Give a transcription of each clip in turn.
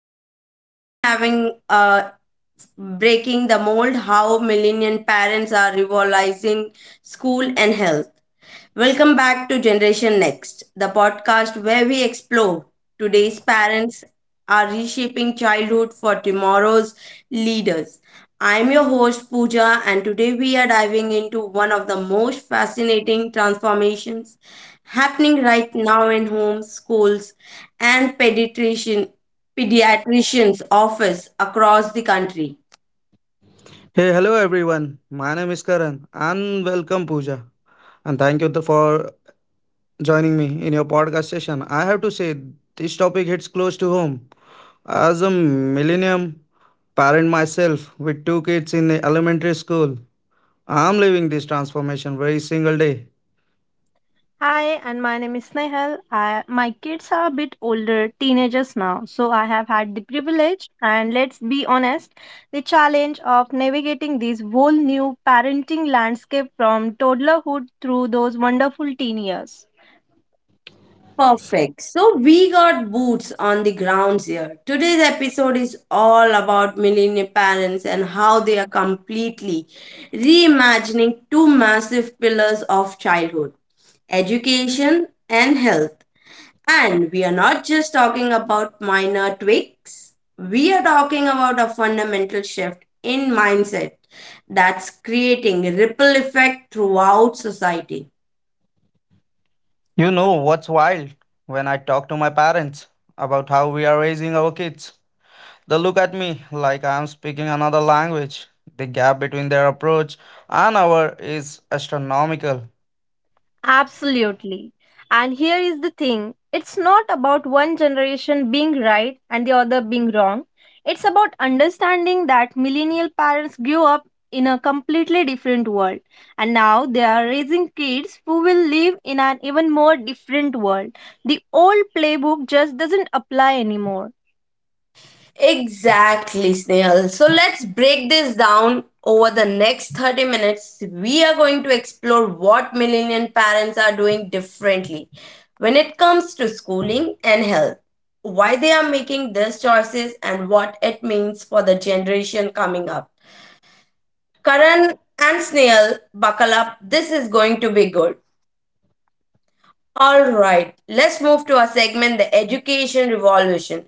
episode, we are having breaking the mold, how millennial parents are revolutionizing school and health. Welcome back to Generation Next, the podcast where we explore today's parents are reshaping childhood for tomorrow's leaders. I'm your host Pooja, and today we are diving into one of the most fascinating transformations happening right now in homes, schools and pediatricians office across the country. Hey, hello everyone. My name is Karan and welcome Pooja. And thank you for joining me in your podcast session. I have to say, this topic hits close to home. As a millennium parent myself with two kids in the elementary school, I'm living this transformation every single day. Hi, and my name is Snehal. My kids are a bit older, teenagers now, so I have had the privilege, and let's be honest, the challenge of navigating this whole new parenting landscape from toddlerhood through those wonderful teen years. Perfect. So we got boots on the grounds here. Today's episode is all about millennial parents and how they are completely reimagining two massive pillars of childhood education and health. And we are not just talking about minor tweaks, we are talking about a fundamental shift in mindset that's creating a ripple effect throughout society. You know what's wild? When I talk to my parents about how we are raising our kids, they look at me like I'm speaking another language. The gap between their approach and our is astronomical. Absolutely. And here is the thing it's not about one generation being right and the other being wrong. It's about understanding that millennial parents grew up in a completely different world and now they are raising kids who will live in an even more different world. The old playbook just doesn't apply anymore. Exactly, Snehal. So let's break this down over the next 30 minutes. We are going to explore what millennial parents are doing differently when it comes to schooling and health, why they are making these choices, and what it means for the generation coming up. Karan and Snail, buckle up. This is going to be good. All right, let's move to our segment, The Education Revolution.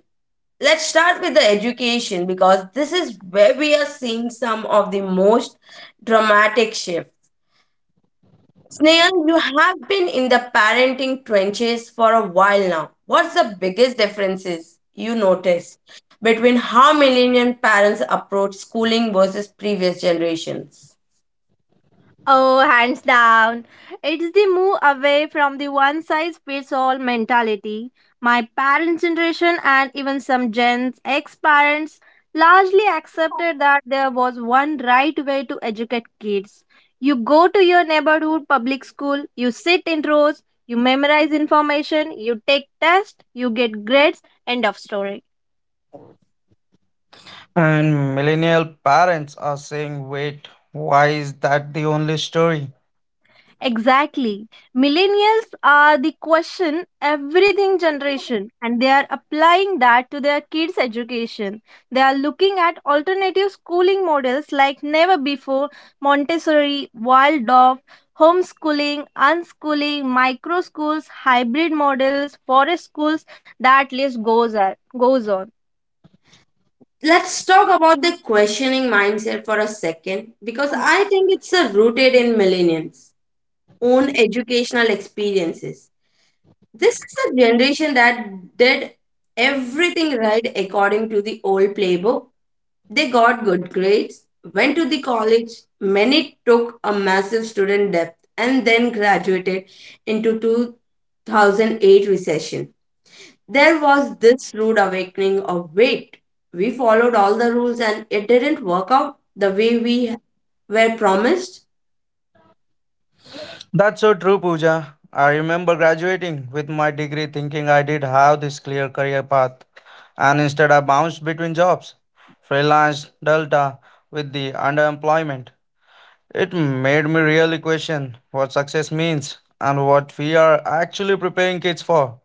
Let's start with the education because this is where we are seeing some of the most dramatic shifts. Snail, you have been in the parenting trenches for a while now. What's the biggest differences you notice between how millennial parents approach schooling versus previous generations? Oh, hands down. It's the move away from the one size fits all mentality. My parents' generation and even some Gen's ex parents largely accepted that there was one right way to educate kids. You go to your neighborhood public school, you sit in rows, you memorize information, you take tests, you get grades, end of story. And millennial parents are saying, wait, why is that the only story? Exactly. Millennials are the question everything generation and they are applying that to their kids' education. They are looking at alternative schooling models like never before Montessori, Waldorf, homeschooling, unschooling, micro schools, hybrid models, forest schools, that list goes on. Goes on. Let's talk about the questioning mindset for a second because I think it's rooted in millennials' own educational experiences. This is the generation that did everything right according to the old playbook. They got good grades, went to the college, many took a massive student debt, and then graduated into 2008 recession. There was this rude awakening of, wait, we followed all the rules and it didn't work out the way we were promised. That's so true, Pooja. I remember graduating with my degree thinking I did have this clear career path, and instead I bounced between jobs, freelance, delta, with the underemployment. It made me really question what success means and what we are actually preparing kids for.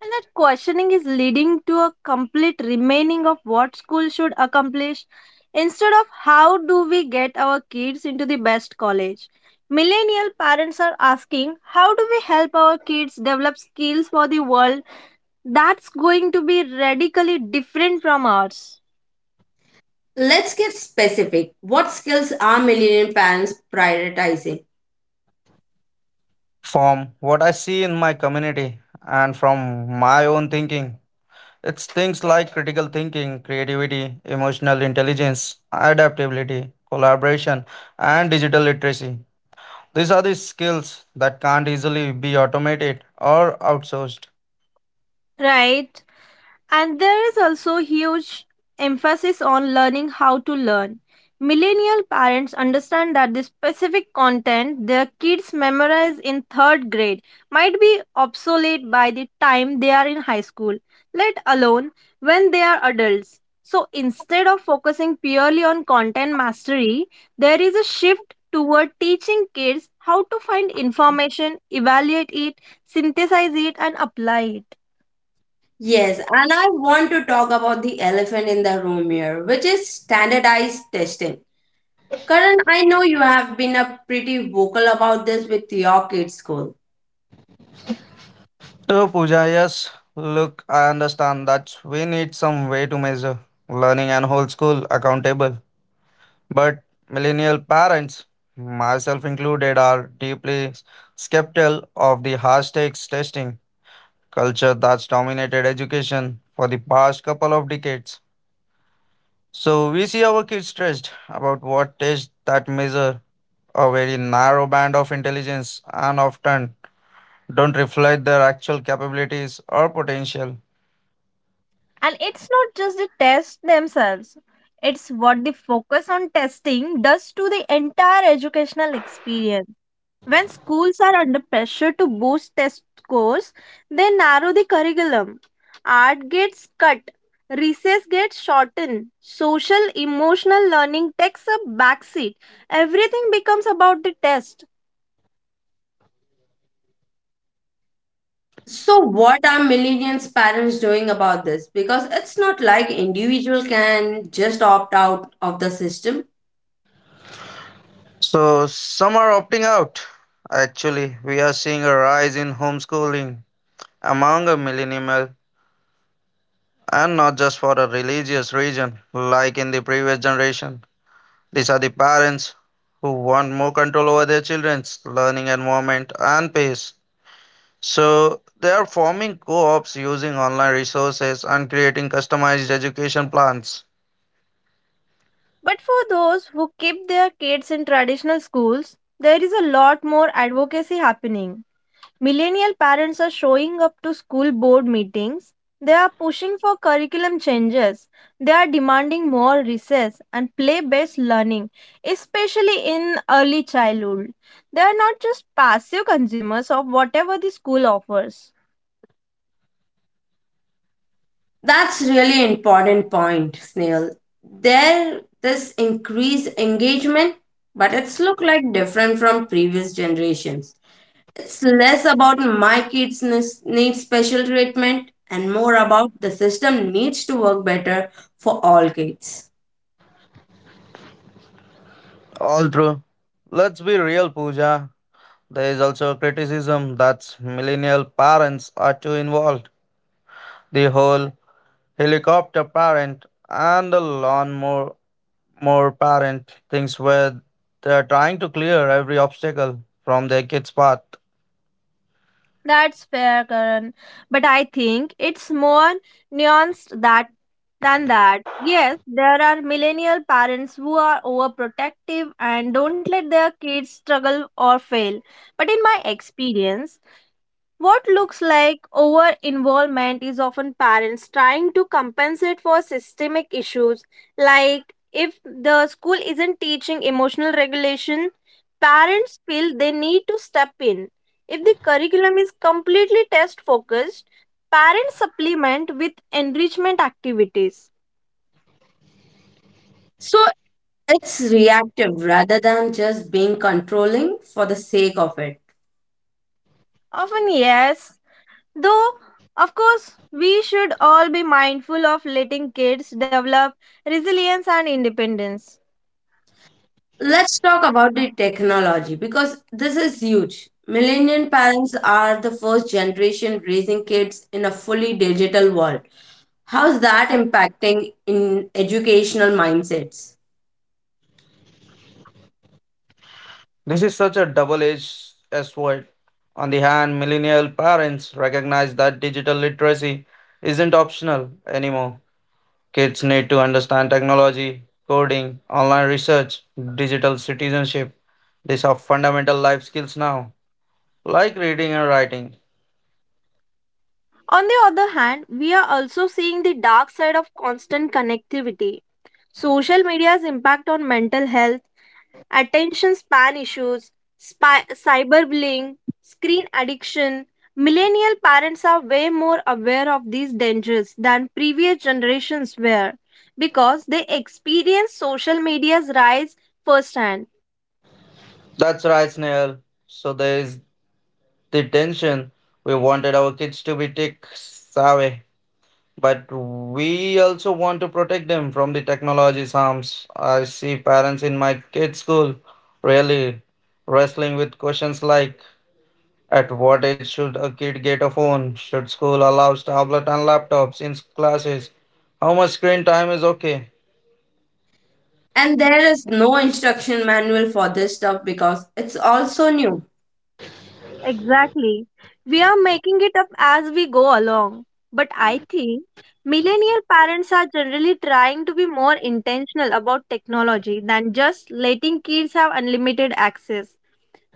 And that questioning is leading to a complete remaining of what school should accomplish instead of how do we get our kids into the best college. Millennial parents are asking how do we help our kids develop skills for the world that's going to be radically different from ours. Let's get specific. What skills are millennial parents prioritizing? From what I see in my community and from my own thinking, it's things like critical thinking, creativity, emotional intelligence, adaptability, collaboration, and digital literacy. These are the skills that can't easily be automated or outsourced. Right? And there is also huge emphasis on learning how to learn. Millennial parents understand that the specific content their kids memorize in third grade might be obsolete by the time they are in high school, let alone when they are adults. So instead of focusing purely on content mastery, there is a shift toward teaching kids how to find information, evaluate it, synthesize it, and apply it. Yes, and I want to talk about the elephant in the room here, which is standardized testing. Karan, I know you have been a pretty vocal about this with your kids' school. So, Pooja, yes, look, I understand that we need some way to measure learning and hold school accountable. But millennial parents, myself included, are deeply skeptical of the high-stakes testing culture that's dominated education for the past couple of decades. So we see our kids stressed about what tests that measure a very narrow band of intelligence and often don't reflect their actual capabilities or potential. And it's not just the tests themselves, it's what the focus on testing does to the entire educational experience. When schools are under pressure to boost test scores, they narrow the curriculum. Art gets cut, recess gets shortened, social emotional learning takes a backseat. Everything becomes about the test. So, what are millennials parents doing about this? Because it's not like individual can just opt out of the system. So some are opting out. Actually, we are seeing a rise in homeschooling among a millennial and not just for a religious reason like in the previous generation. These are the parents who want more control over their children's learning environment and pace. So they are forming co-ops using online resources and creating customized education plans. But for those who keep their kids in traditional schools, there is a lot more advocacy happening. Millennial parents are showing up to school board meetings. They are pushing for curriculum changes. They are demanding more recess and play based learning, especially in early childhood. They are not just passive consumers of whatever the school offers. That's really important point, Snail. There, this increased engagement, but it's look like different from previous generations. It's less about my need special treatment and more about the system needs to work better for all kids. All true. Let's be real, Pooja. There is also a criticism that millennial parents are too involved. The whole helicopter parent and the lawnmower more parent things where they are trying to clear every obstacle from their kids' path. That's fair, Karan. But I think it's more nuanced that than that. Yes, there are millennial parents who are overprotective and don't let their kids struggle or fail. But in my experience, what looks like over involvement is often parents trying to compensate for systemic issues. Like if the school isn't teaching emotional regulation, parents feel they need to step in. If the curriculum is completely test focused, parents supplement with enrichment activities. So it's reactive rather than just being controlling for the sake of it. Often, yes, though, of course, we should all be mindful of letting kids develop resilience and independence. Let's talk about the technology because this is huge. Millennial parents are the first generation raising kids in a fully digital world. How's that impacting in educational mindsets? This is such a double edged sword. On the hand, millennial parents recognize that digital literacy isn't optional anymore. Kids need to understand technology, coding, online research, digital citizenship. These are fundamental life skills now, like reading and writing. On the other hand, we are also seeing the dark side of constant connectivity. Social media's impact on mental health, attention span issues, cyberbullying, screen addiction. Millennial parents are way more aware of these dangers than previous generations were because they experience social media's rise firsthand. That's right, Snail. So there is the tension. We wanted our kids to be tech savvy. But we also want to protect them from the technology's harms. I see parents in my kids' school really wrestling with questions like at what age should a kid get a phone? Should school allow tablets and laptops in classes? How much screen time is okay? And there is no instruction manual for this stuff because it's also new. Exactly. We are making it up as we go along. But I think millennial parents are generally trying to be more intentional about technology than just letting kids have unlimited access.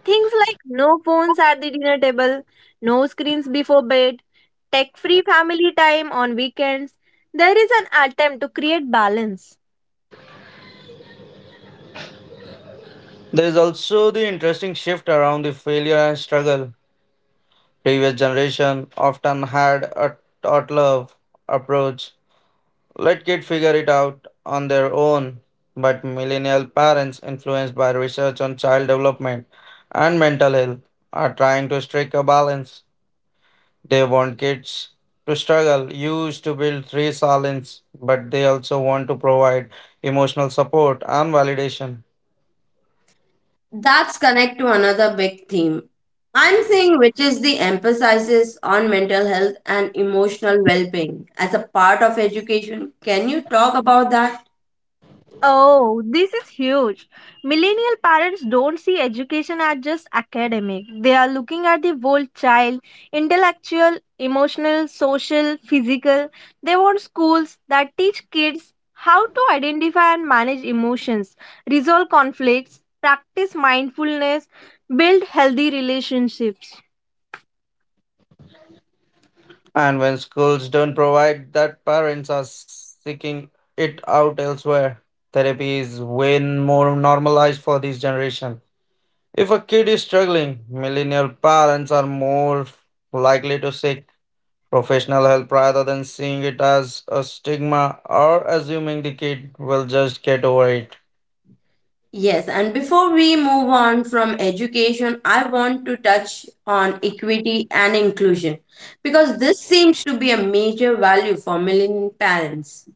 Things like no phones at the dinner table, no screens before bed, tech free family time on weekends. There is an attempt to create balance. There is also the interesting shift around the failure and struggle. Previous generation often had a toddler approach. Let kids figure it out on their own, but millennial parents, influenced by research on child development and mental health, are trying to strike a balance. They want kids to struggle, used to build resilience, but they also want to provide emotional support and validation. That's connect to another big theme I'm seeing, which is the emphasis on mental health and emotional well-being as a part of education. Can you talk about that? Oh, this is huge. Millennial parents don't see education as just academic. They are looking at the whole child, intellectual, emotional, social, physical. They want schools that teach kids how to identify and manage emotions, resolve conflicts, practice mindfulness, build healthy relationships. And when schools don't provide that, parents are seeking it out elsewhere. Therapy is way more normalized for this generation. If a kid is struggling, millennial parents are more likely to seek professional help rather than seeing it as a stigma or assuming the kid will just get over it. Yes, and before we move on from education, I want to touch on equity and inclusion because this seems to be a major value for millennial parents.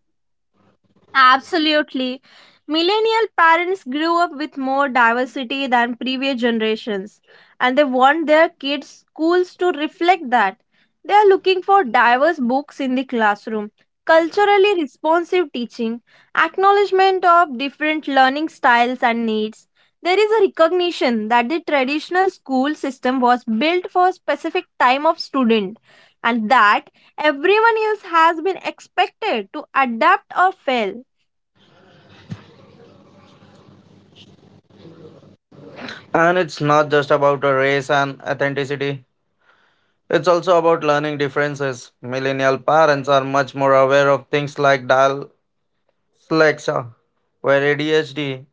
Absolutely. Millennial parents grew up with more diversity than previous generations, and they want their kids' schools to reflect that. They are looking for diverse books in the classroom, culturally responsive teaching, acknowledgement of different learning styles and needs. There is a recognition that the traditional school system was built for a specific time of student and that everyone else has been expected to adapt or fail. And it's not just about a race and authenticity. It's also about learning differences. Millennial parents are much more aware of things like dyslexia, where ADHD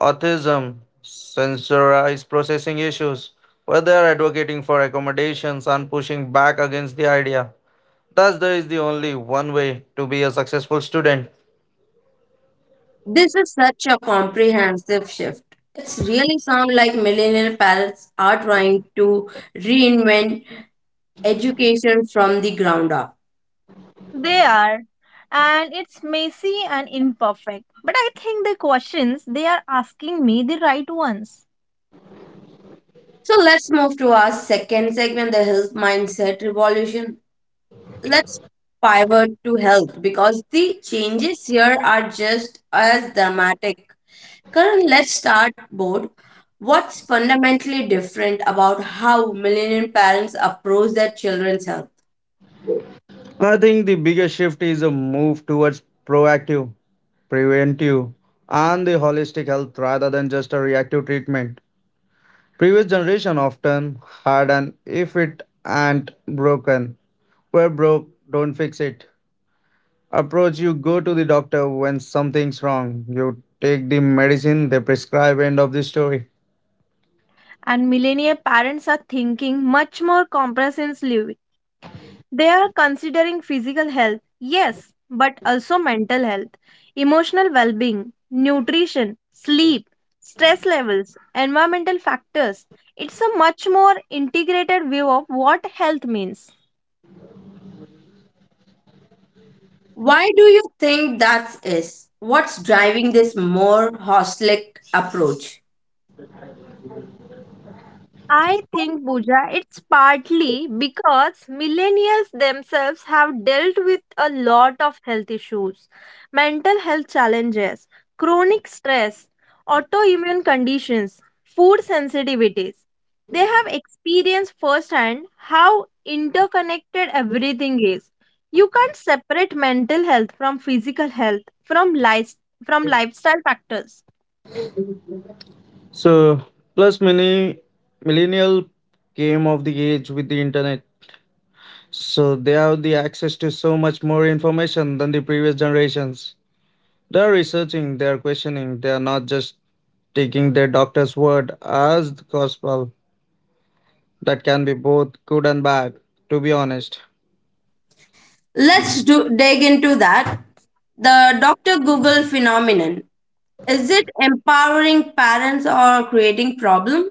autism, sensorized processing issues, where they are advocating for accommodations and pushing back against the idea that there is the only one way to be a successful student. This is such a comprehensive shift. It's really sound like millennial parents are trying to reinvent education from the ground up. They are. And it's messy and imperfect. But I think the questions they are asking me the right ones. So let's move to our second segment, the health mindset revolution. Let's pivot to health because the changes here are just as dramatic. Current, let's start board. What's fundamentally different about how millennial parents approach their children's health? I think the biggest shift is a move towards proactive, preventive, and the holistic health rather than just a reactive treatment. Previous generation often had an if it ain't broken, we're broke, don't fix it approach. You go to the doctor when something's wrong, you take the medicine they prescribe, end of the story. And millennial parents are thinking much more comprehensively. They are considering physical health, yes, but also mental health, emotional well being, nutrition, sleep, stress levels, environmental factors. It's a much more integrated view of what health means. Why do you think that is? What's driving this more holistic approach? I think, Pooja, it's partly because millennials themselves have dealt with a lot of health issues, mental health challenges, chronic stress, autoimmune conditions, food sensitivities. They have experienced firsthand how interconnected everything is. You can't separate mental health from physical health, life, from lifestyle factors. So plus many millennial came of the age with the internet, so they have the access to so much more information than the previous generations. They are researching, they are questioning, they are not just taking their doctor's word as gospel. That can be both good and bad, to be honest. Let's dig into that. The Dr. Google phenomenon. Is it empowering parents or creating problem?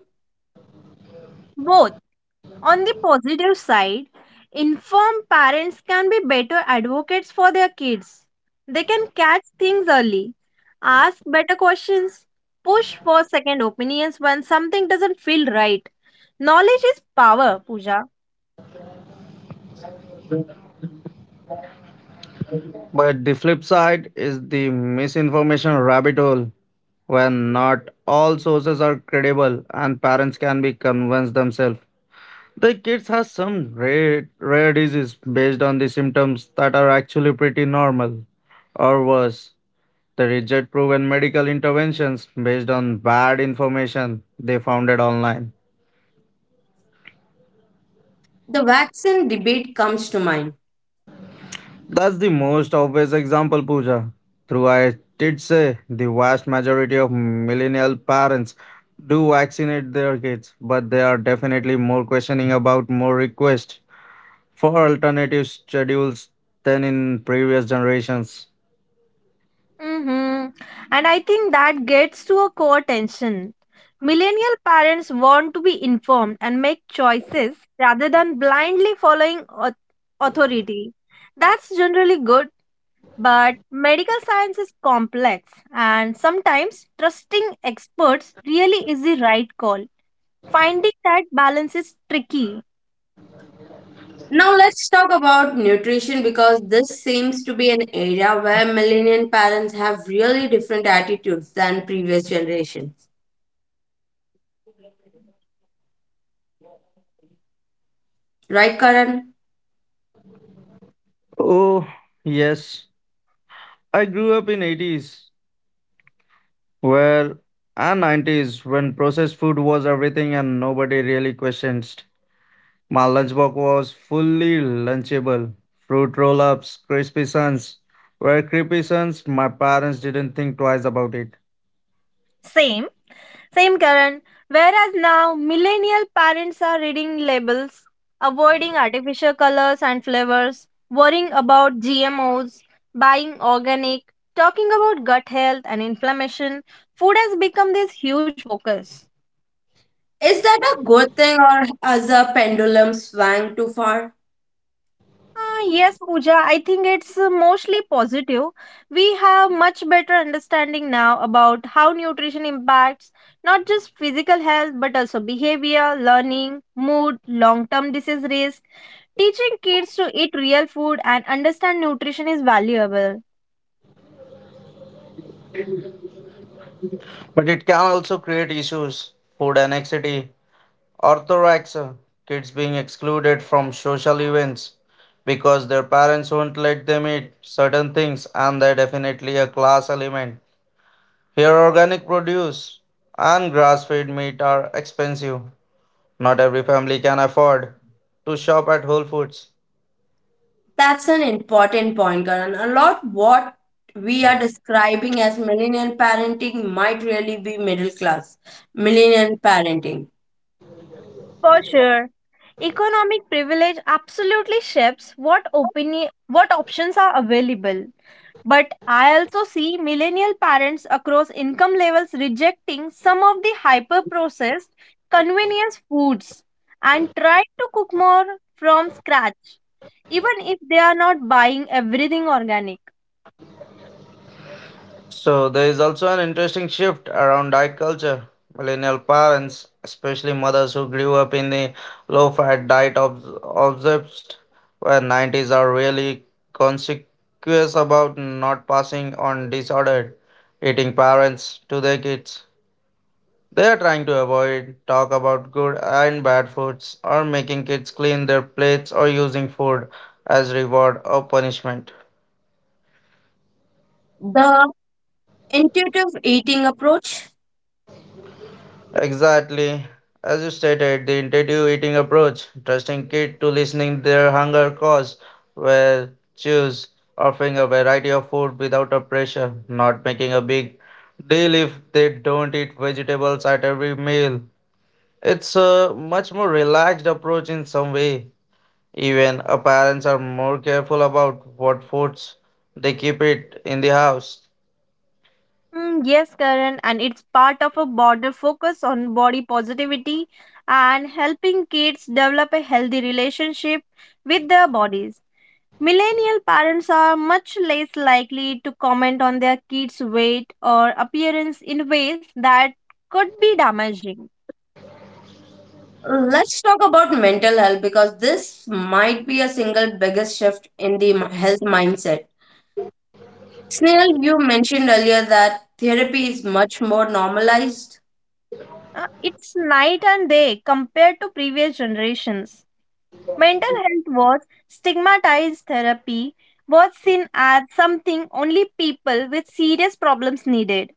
Both On the positive side, informed parents can be better advocates for their kids. They can catch things early, ask better questions, push for second opinions when something doesn't feel right. Knowledge is power, Pooja. But the flip side is the misinformation rabbit hole. When not all sources are credible and parents can be convinced themselves. The kids have some rare disease based on the symptoms that are actually pretty normal. Or worse, they reject proven medical interventions based on bad information they found it online. The vaccine debate comes to mind. That's the most obvious example, Pooja. Through I did say the vast majority of millennial parents do vaccinate their kids, but they are definitely more questioning about more requests for alternative schedules than in previous generations. Mm-hmm. And I think that gets to a core tension. Millennial parents want to be informed and make choices rather than blindly following authority. That's generally good But medical science is complex, and sometimes trusting experts really is the right call. Finding that balance is tricky. Now let's talk about nutrition because this seems to be an area where millennial parents have really different attitudes than previous generations. Right, Karan? Oh, yes. I grew up in '80s where and '90s when processed food was everything and nobody really questioned. My lunchbox was fully lunchable. Fruit roll-ups, crispy suns were crispy suns. My parents didn't think twice about it. Same, same, Karan. Whereas now, millennial parents are reading labels, avoiding artificial colors and flavors, worrying about GMOs, buying organic, talking about gut health and inflammation. Food has become this huge focus. Is that a good thing or has a pendulum swung too far? Yes, Pooja, I think it's mostly positive. We have much better understanding now about how nutrition impacts not just physical health but also behavior, learning, mood, long term disease risk. Teaching kids to eat real food and understand nutrition is valuable. But it can also create issues. Food anxiety. Orthodox, kids being excluded from social events because their parents won't let them eat certain things, and they're definitely a class element. Here, organic produce and grass fed meat are expensive. Not every family can afford to shop at Whole Foods. That's an important point, Karan. A lot what we are describing as millennial parenting might really be middle class millennial parenting. For sure. Economic privilege absolutely shapes what opinion what options are available. But I also see millennial parents across income levels rejecting some of the hyper processed convenience foods and trying to cook more from scratch, even if they are not buying everything organic. So there is also an interesting shift around diet culture. Millennial parents, especially mothers who grew up in the low-fat diet obsessed, where '90s are really conscious about not passing on disordered eating parents to their kids. They are trying to avoid talk about good and bad foods, or making kids clean their plates, or using food as reward or punishment. The intuitive eating approach. Exactly. As you stated, the intuitive eating approach, trusting kids to listening their hunger cause, where choose offering a variety of food without a pressure, not making a big deal if they don't eat vegetables at every meal. It's a much more relaxed approach in some way. Even our parents are more careful about what foods they keep it in the house. Yes, Karan, and it's part of a broader focus on body positivity and helping kids develop a healthy relationship with their bodies. Millennial parents are much less likely to comment on their kids' weight or appearance in ways that could be damaging. Let's talk about mental health because this might be a single biggest shift in the health mindset. Snail, you mentioned earlier that therapy is much more normalized. It's night and day compared to previous generations. Mental health was stigmatized therapy was seen as something only people with serious problems needed.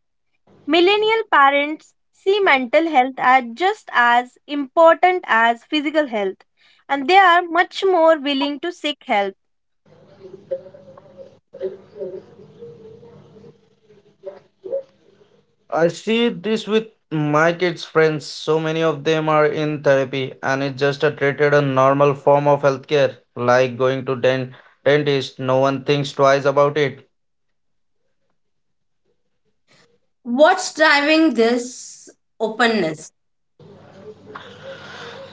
Millennial parents see mental health as just as important as physical health and they are much more willing to seek help. I see this with my kids' friends. So many of them are in therapy, and it's just a treated a normal form of healthcare, like going to dentist. No one thinks twice about it. What's driving this openness?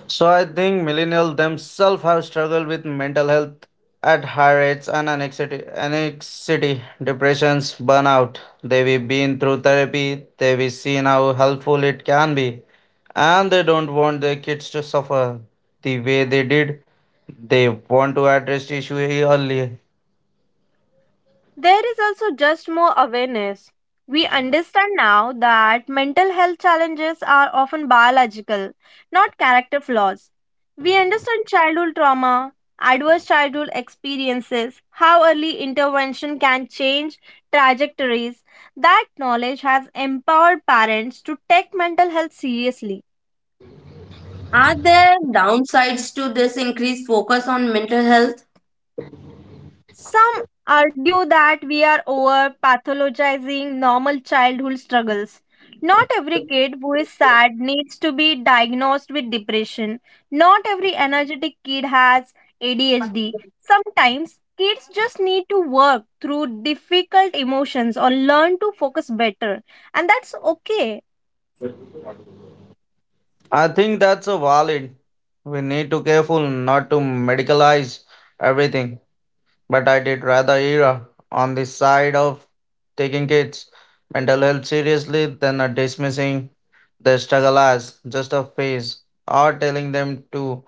So I think millennials themselves have struggled with mental health at high rates and anxiety, depressions, burnout. They've been through therapy, they've seen how helpful it can be, and they don't want their kids to suffer the way they did. They want to address the issue early. There is also just more awareness. We understand now that mental health challenges are often biological, not character flaws. We understand childhood trauma, adverse childhood experiences, how early intervention can change trajectories. That knowledge has empowered parents to take mental health seriously. Are there downsides to this increased focus on mental health? Some argue that we are over pathologizing normal childhood struggles. Not every kid who is sad needs to be diagnosed with depression. Not every energetic kid has ADHD. Sometimes kids just need to work through difficult emotions or learn to focus better, and that's okay. I think that's a valid. We need to careful not to medicalize everything. But I did rather err on the side of taking kids' mental health seriously than a dismissing their struggle as just a phase or telling them to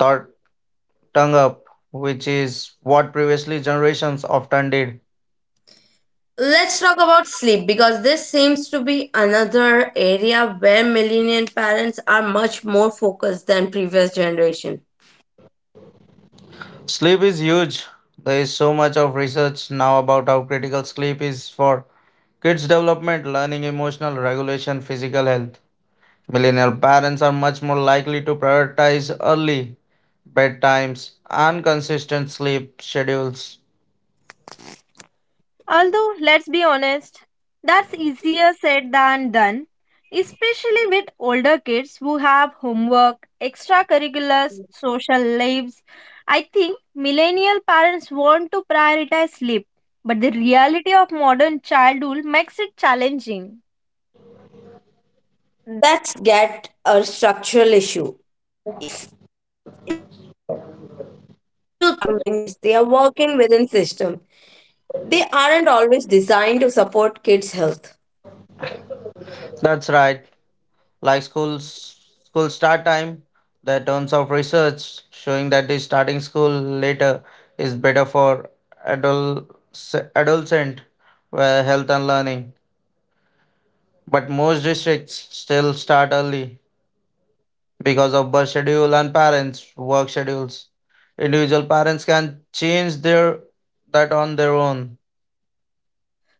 tot- tongue up, which is what previously generations often did. Let's talk about sleep because this seems to be another area where millennial parents are much more focused than previous generation. Sleep is huge. There is so much of research now about how critical sleep is for kids' development, learning, emotional regulation, physical health. Millennial parents are much more likely to prioritize early bedtimes, and consistent sleep schedules. Although, let's be honest, that's easier said than done, especially with older kids who have homework, extracurriculars, social lives. I think millennial parents want to prioritize sleep, but the reality of modern childhood makes it challenging. That's get a structural issue. Even if individual parents want to make changes, they are working within system. They aren't always designed to support kids' health. That's right, like school start time. There are tons of research showing that the starting school later is better for adolescent health and learning. But most districts still start early because of bus schedule and parents' work schedules. Individual parents can change their that on their own.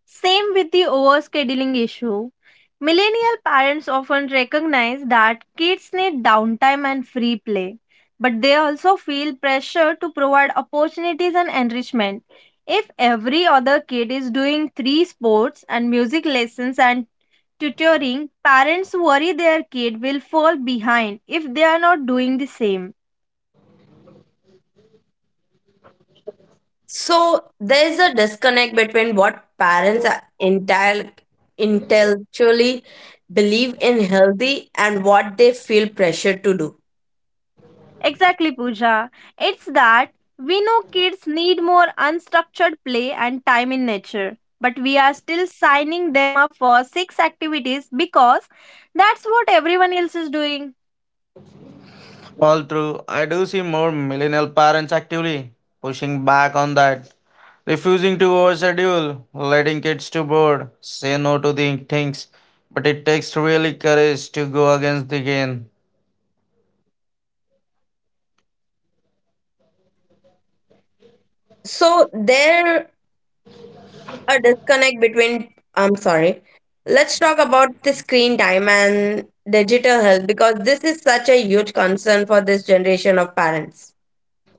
Same with the overscheduling issue. Millennial parents often recognize that kids need downtime and free play, but they also feel pressure to provide opportunities and enrichment. If every other kid is doing three sports and music lessons and tutoring, parents worry their kid will fall behind if they are not doing the same. So there's a disconnect between what parents are intellectually believe in healthy and what they feel pressured to do. Exactly, Pooja. It's that we know kids need more unstructured play and time in nature, but we are still signing them up for six activities because that's what everyone else is doing. All true. I do see more millennial parents actively pushing back on that, refusing to overschedule, letting kids to board, say no to the things. But it takes really courage to go against the grain. So there a disconnect between, I'm sorry, let's talk about the screen time and digital health because this is such a huge concern for this generation of parents.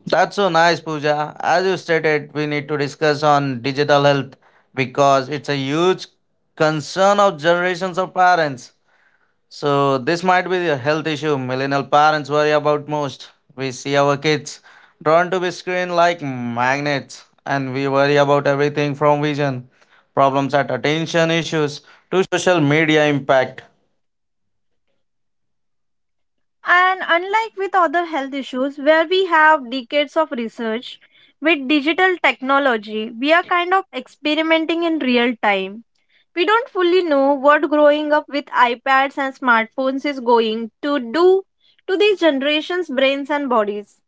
That's so nice, Pooja. As you stated, we need to discuss on digital health because it's a huge concern of generations of parents. So this might be the health issue millennial parents worry about most. We see our kids drawn to be screen like magnets and we worry about everything from vision, problems at attention issues. And unlike with other health issues, where we have decades of research, with digital technology, we are kind of experimenting in real time. We don't fully know what growing up with iPads and smartphones is going to do to these generations' brains and bodies.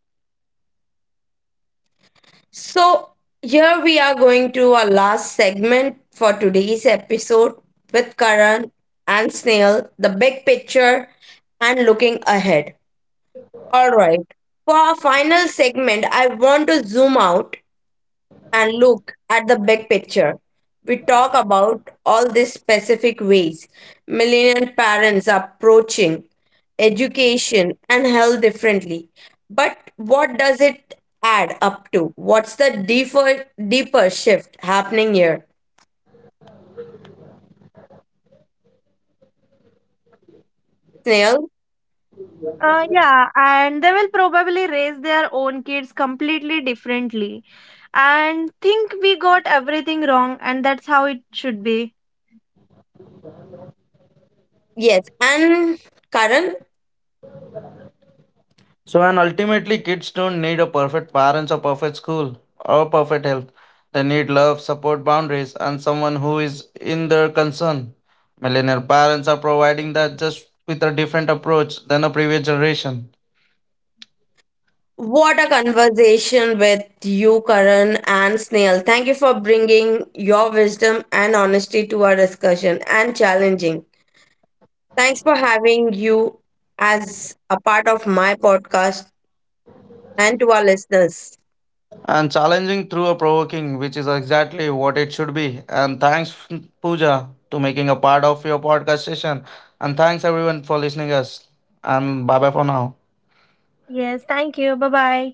So here we are going to our last segment for today's episode with Karan and Snail, the big picture and looking ahead. All right, for our final segment I want to zoom out and look at the big picture. We talk about all these specific ways millennial parents are approaching education and health differently. But what does it add up to? What's the deeper shift happening here? Snail? Yeah, and they will probably raise their own kids completely differently and think we got everything wrong, and that's how it should be. Yes. And Karan, So, and ultimately, kids don't need a perfect parents or perfect school or perfect health. They need love, support, boundaries, and someone who is in their concern. Millennial parents are providing that just with a different approach than a previous generation. what a conversation with you, Karan and Snail. Thank you for bringing your wisdom and honesty to our discussion and challenging. Thanks for having you as a part of my podcast and to our listeners. And challenging through a provoking, which is exactly what it should be. And thanks, Pooja, to making a part of your podcast session. And thanks everyone for listening us. And bye bye for now. Yes, thank you. Bye bye.